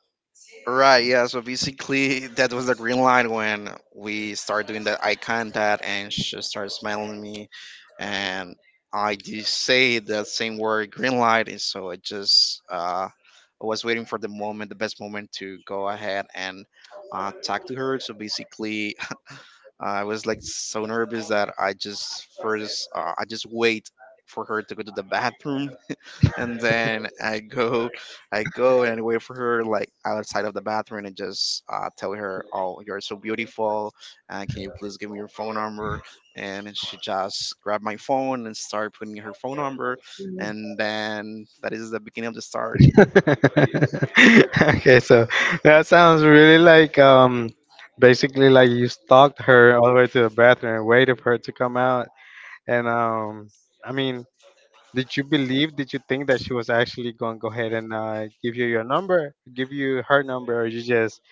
A: Right, yeah. So basically, that was the green light when we started doing that eye contact, and she started smiling at me, and I did say that same word, green light, and so I just I was waiting for the moment, the best moment to go ahead and talk to her. So basically, I was like so nervous that I just first I just wait for her to go to the bathroom, and then I go and wait for her like outside of the bathroom and just tell her, "Oh, you're so beautiful. Can you please give me your phone number?" And she just grabbed my phone and started putting her phone number, and then that is the beginning of the story.
B: Okay, so that sounds really like basically like you stalked her all the way to the bathroom and waited for her to come out. And I mean, did you believe? Did you think that she was actually going to go ahead and give you your number, give you her number, or you just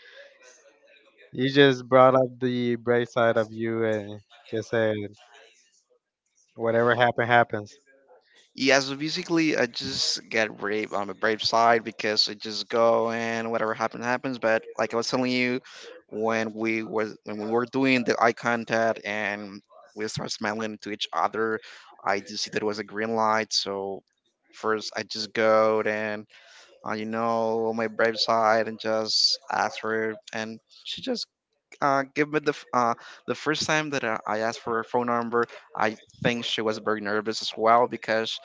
B: brought up the bright side of you and just said whatever happen happens.
A: Yeah, so basically, I just get brave on the brave side because I just go, and whatever happens happens. But like I was telling you, when we was when we were doing the eye contact and we start smiling to each other, I did see that it was a green light. So first, I just go and you know, my brave side, and just ask her, and she just give me the the first time that I asked for her phone number, I think she was very nervous as well because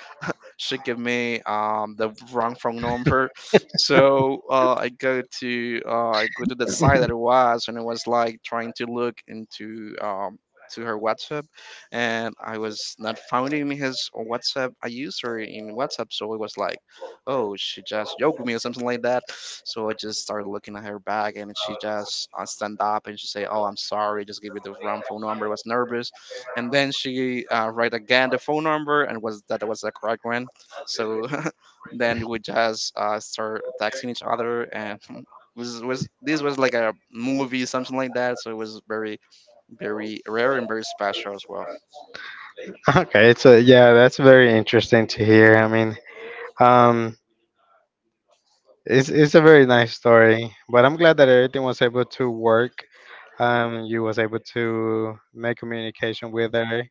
A: she gave me the wrong phone number. So I go to the site that it was, and it was like trying to look into to her WhatsApp, and I was not finding his WhatsApp. I used her in WhatsApp, so it was like, oh, she just yoked me or something like that. So I just started looking at her back, and she just stand up and she say, "Oh, I'm sorry, just give you the wrong phone number. I was nervous." And then she write again the phone number, and was that was the correct one. So then we just start texting each other, and was this was like a movie, something like that. So it was very, very rare and very special as well.
B: Okay, so yeah, that's very interesting to hear. I mean, um, it's a very nice story, but I'm glad that everything was able to work. You was able to make communication with her.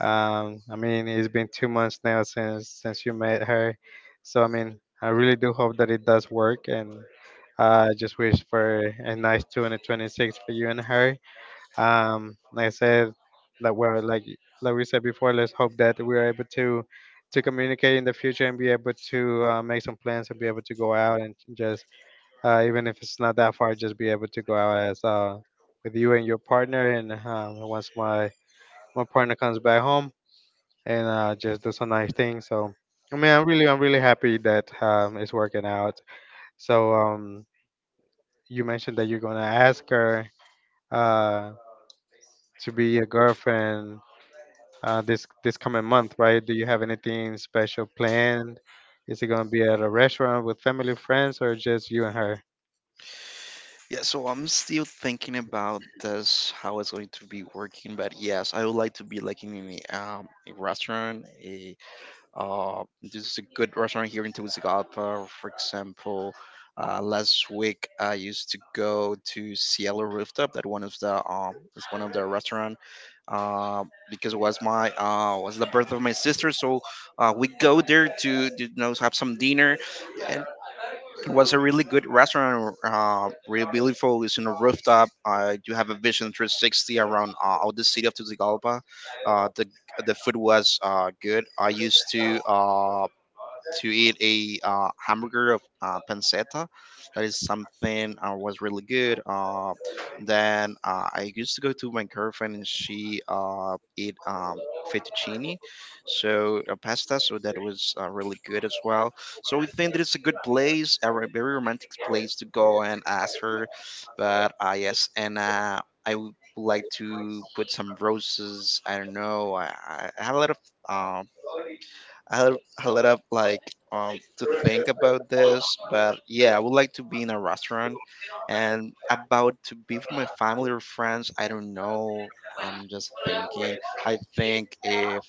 B: I mean, it's been 2 months now since you met her, so I mean, I really do hope that it does work, and I just wish for a nice 2026 for you and her. Like I said, like well, like we said before, let's hope that we are able to communicate in the future and be able to make some plans and be able to go out and just even if it's not that far, just be able to go out as with you and your partner. And once my my partner comes back home, and just do some nice things. So, I mean, I'm really happy that it's working out. So, you mentioned that you're gonna ask her uh, to be your girlfriend this this coming month, right? Do you have anything special planned? Is it gonna be at a restaurant with family, friends, or just you and her?
A: Yeah, so I'm still thinking about this, how it's going to be working, but yes, I would like to be like in a restaurant, a. There's a good restaurant here in Tegucigalpa. For example, last week I used to go to Cielo Rooftop. That one of the, that's one of the restaurant uh, because it was my was the birth of my sister. So we go there to, you know, have some dinner, and was a really good restaurant, really beautiful. It's in a rooftop. I do have a vision 360 around all the city of Tegucigalpa. Uh, the the food was good. I used to eat a hamburger of pancetta. That is something was really good. Then I used to go to my girlfriend, and she eat fettuccine, so pasta. So that was really good as well. So we think that it's a good place, a very romantic place to go and ask her. But yes, and I would like to put some roses. I don't know. I have a lot of. Um, I'll like to think about this, but yeah, I would like to be in a restaurant, and about to be with my family or friends. I don't know. I'm just thinking. I think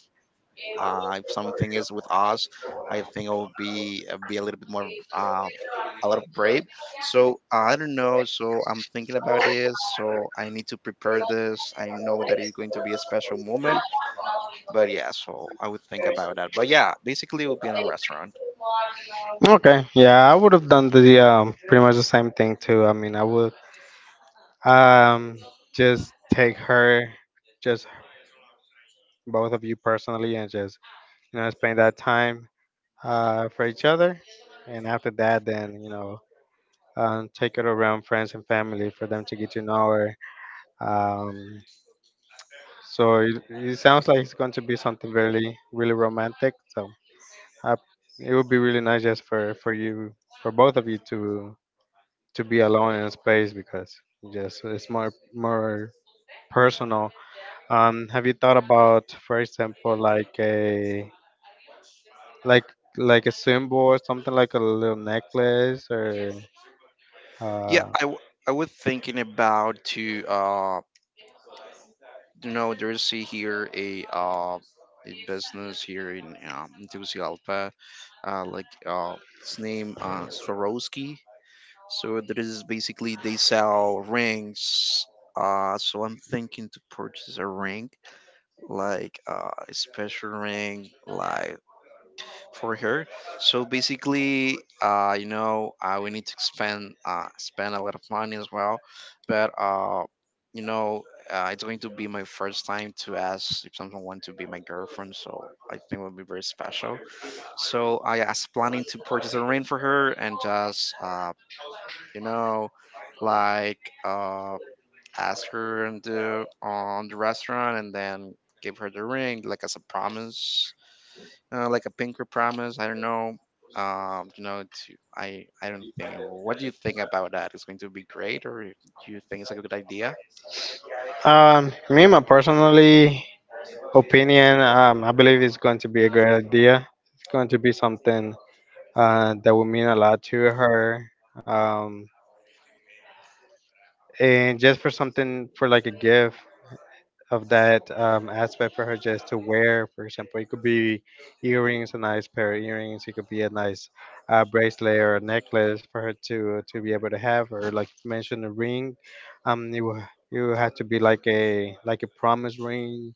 A: if something is with us, I think I will be a little bit more, a lot of brave. So I don't know. So I'm thinking about this. So I need to prepare this. I know that it's going to be a special moment, but yeah, so I would think about that. But yeah, basically it would be in a restaurant.
B: Okay, yeah, I would have done the pretty much the same thing too. I mean, I would um just take her, just both of you personally, and just spend that time for each other. And after that, then take it around friends and family for them to get to know her. Um, so it sounds like it's going to be something really really romantic. So I, it would be really nice just for you for both of you to be alone in space because just it's more personal. Have you thought about, for example, like a like a symbol or something like a little necklace or
A: Yeah,
B: uh,
A: I, w- I was thinking about to you know, there's see here a, a business here in Tegucigalpa, like its name Swarovski. So there is basically they sell rings. So I'm thinking to purchase a ring, like a special ring, like for her. So basically, you know, we need to spend spend a lot of money as well. But you know, it's going to be my first time to ask if someone want to be my girlfriend. So I think it will be very special. So I was planning to purchase a ring for her and just you know, like uh, ask her on the restaurant, and then give her the ring like as a promise, like a pinker promise. I don't know. You know, it's, I don't think. What do you think about that? It's going to be great, or do you think it's a good idea?
B: me my personally opinion, I believe it's going to be a great idea. It's going to be something that will mean a lot to her. um and just for something for like a gift of that aspect for her just to wear. For example, it could be earrings, a nice pair of earrings. It could be a nice bracelet or a necklace for her to be able to have. Or like you mentioned, a ring. You you have to be like a a promise ring,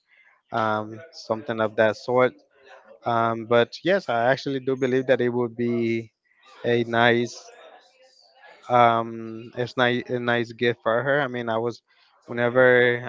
B: something of that sort. But yes, I actually do believe that it would be a nice it's nice a nice gift for her. I mean, I was whenever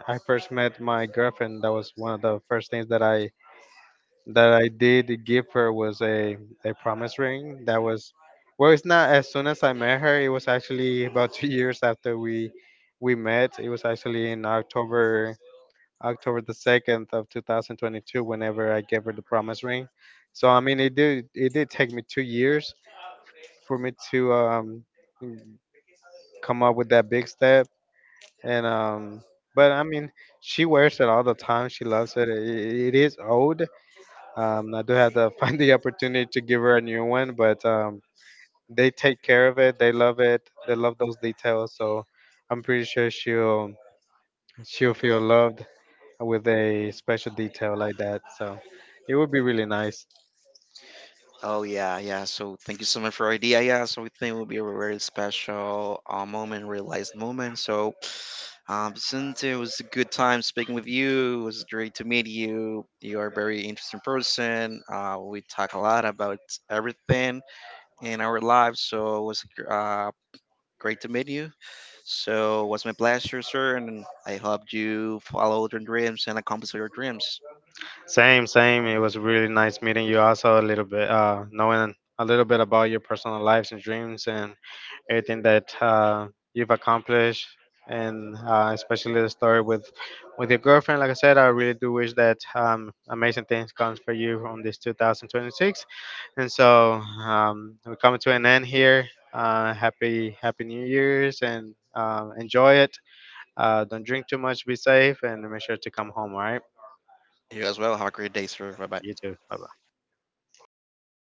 A: Oh yeah, yeah. So thank you so much for idea. Yeah, so we think it will be a very special moment, realized moment. So since it was a good time speaking with you, it was great to meet you. You are a very interesting person. We talk a lot about everything in our lives. So it was great to meet you. So, it was my pleasure, sir, and I hope you follow your dreams and accomplish your dreams. You as well. Have a great day, sir. Bye bye.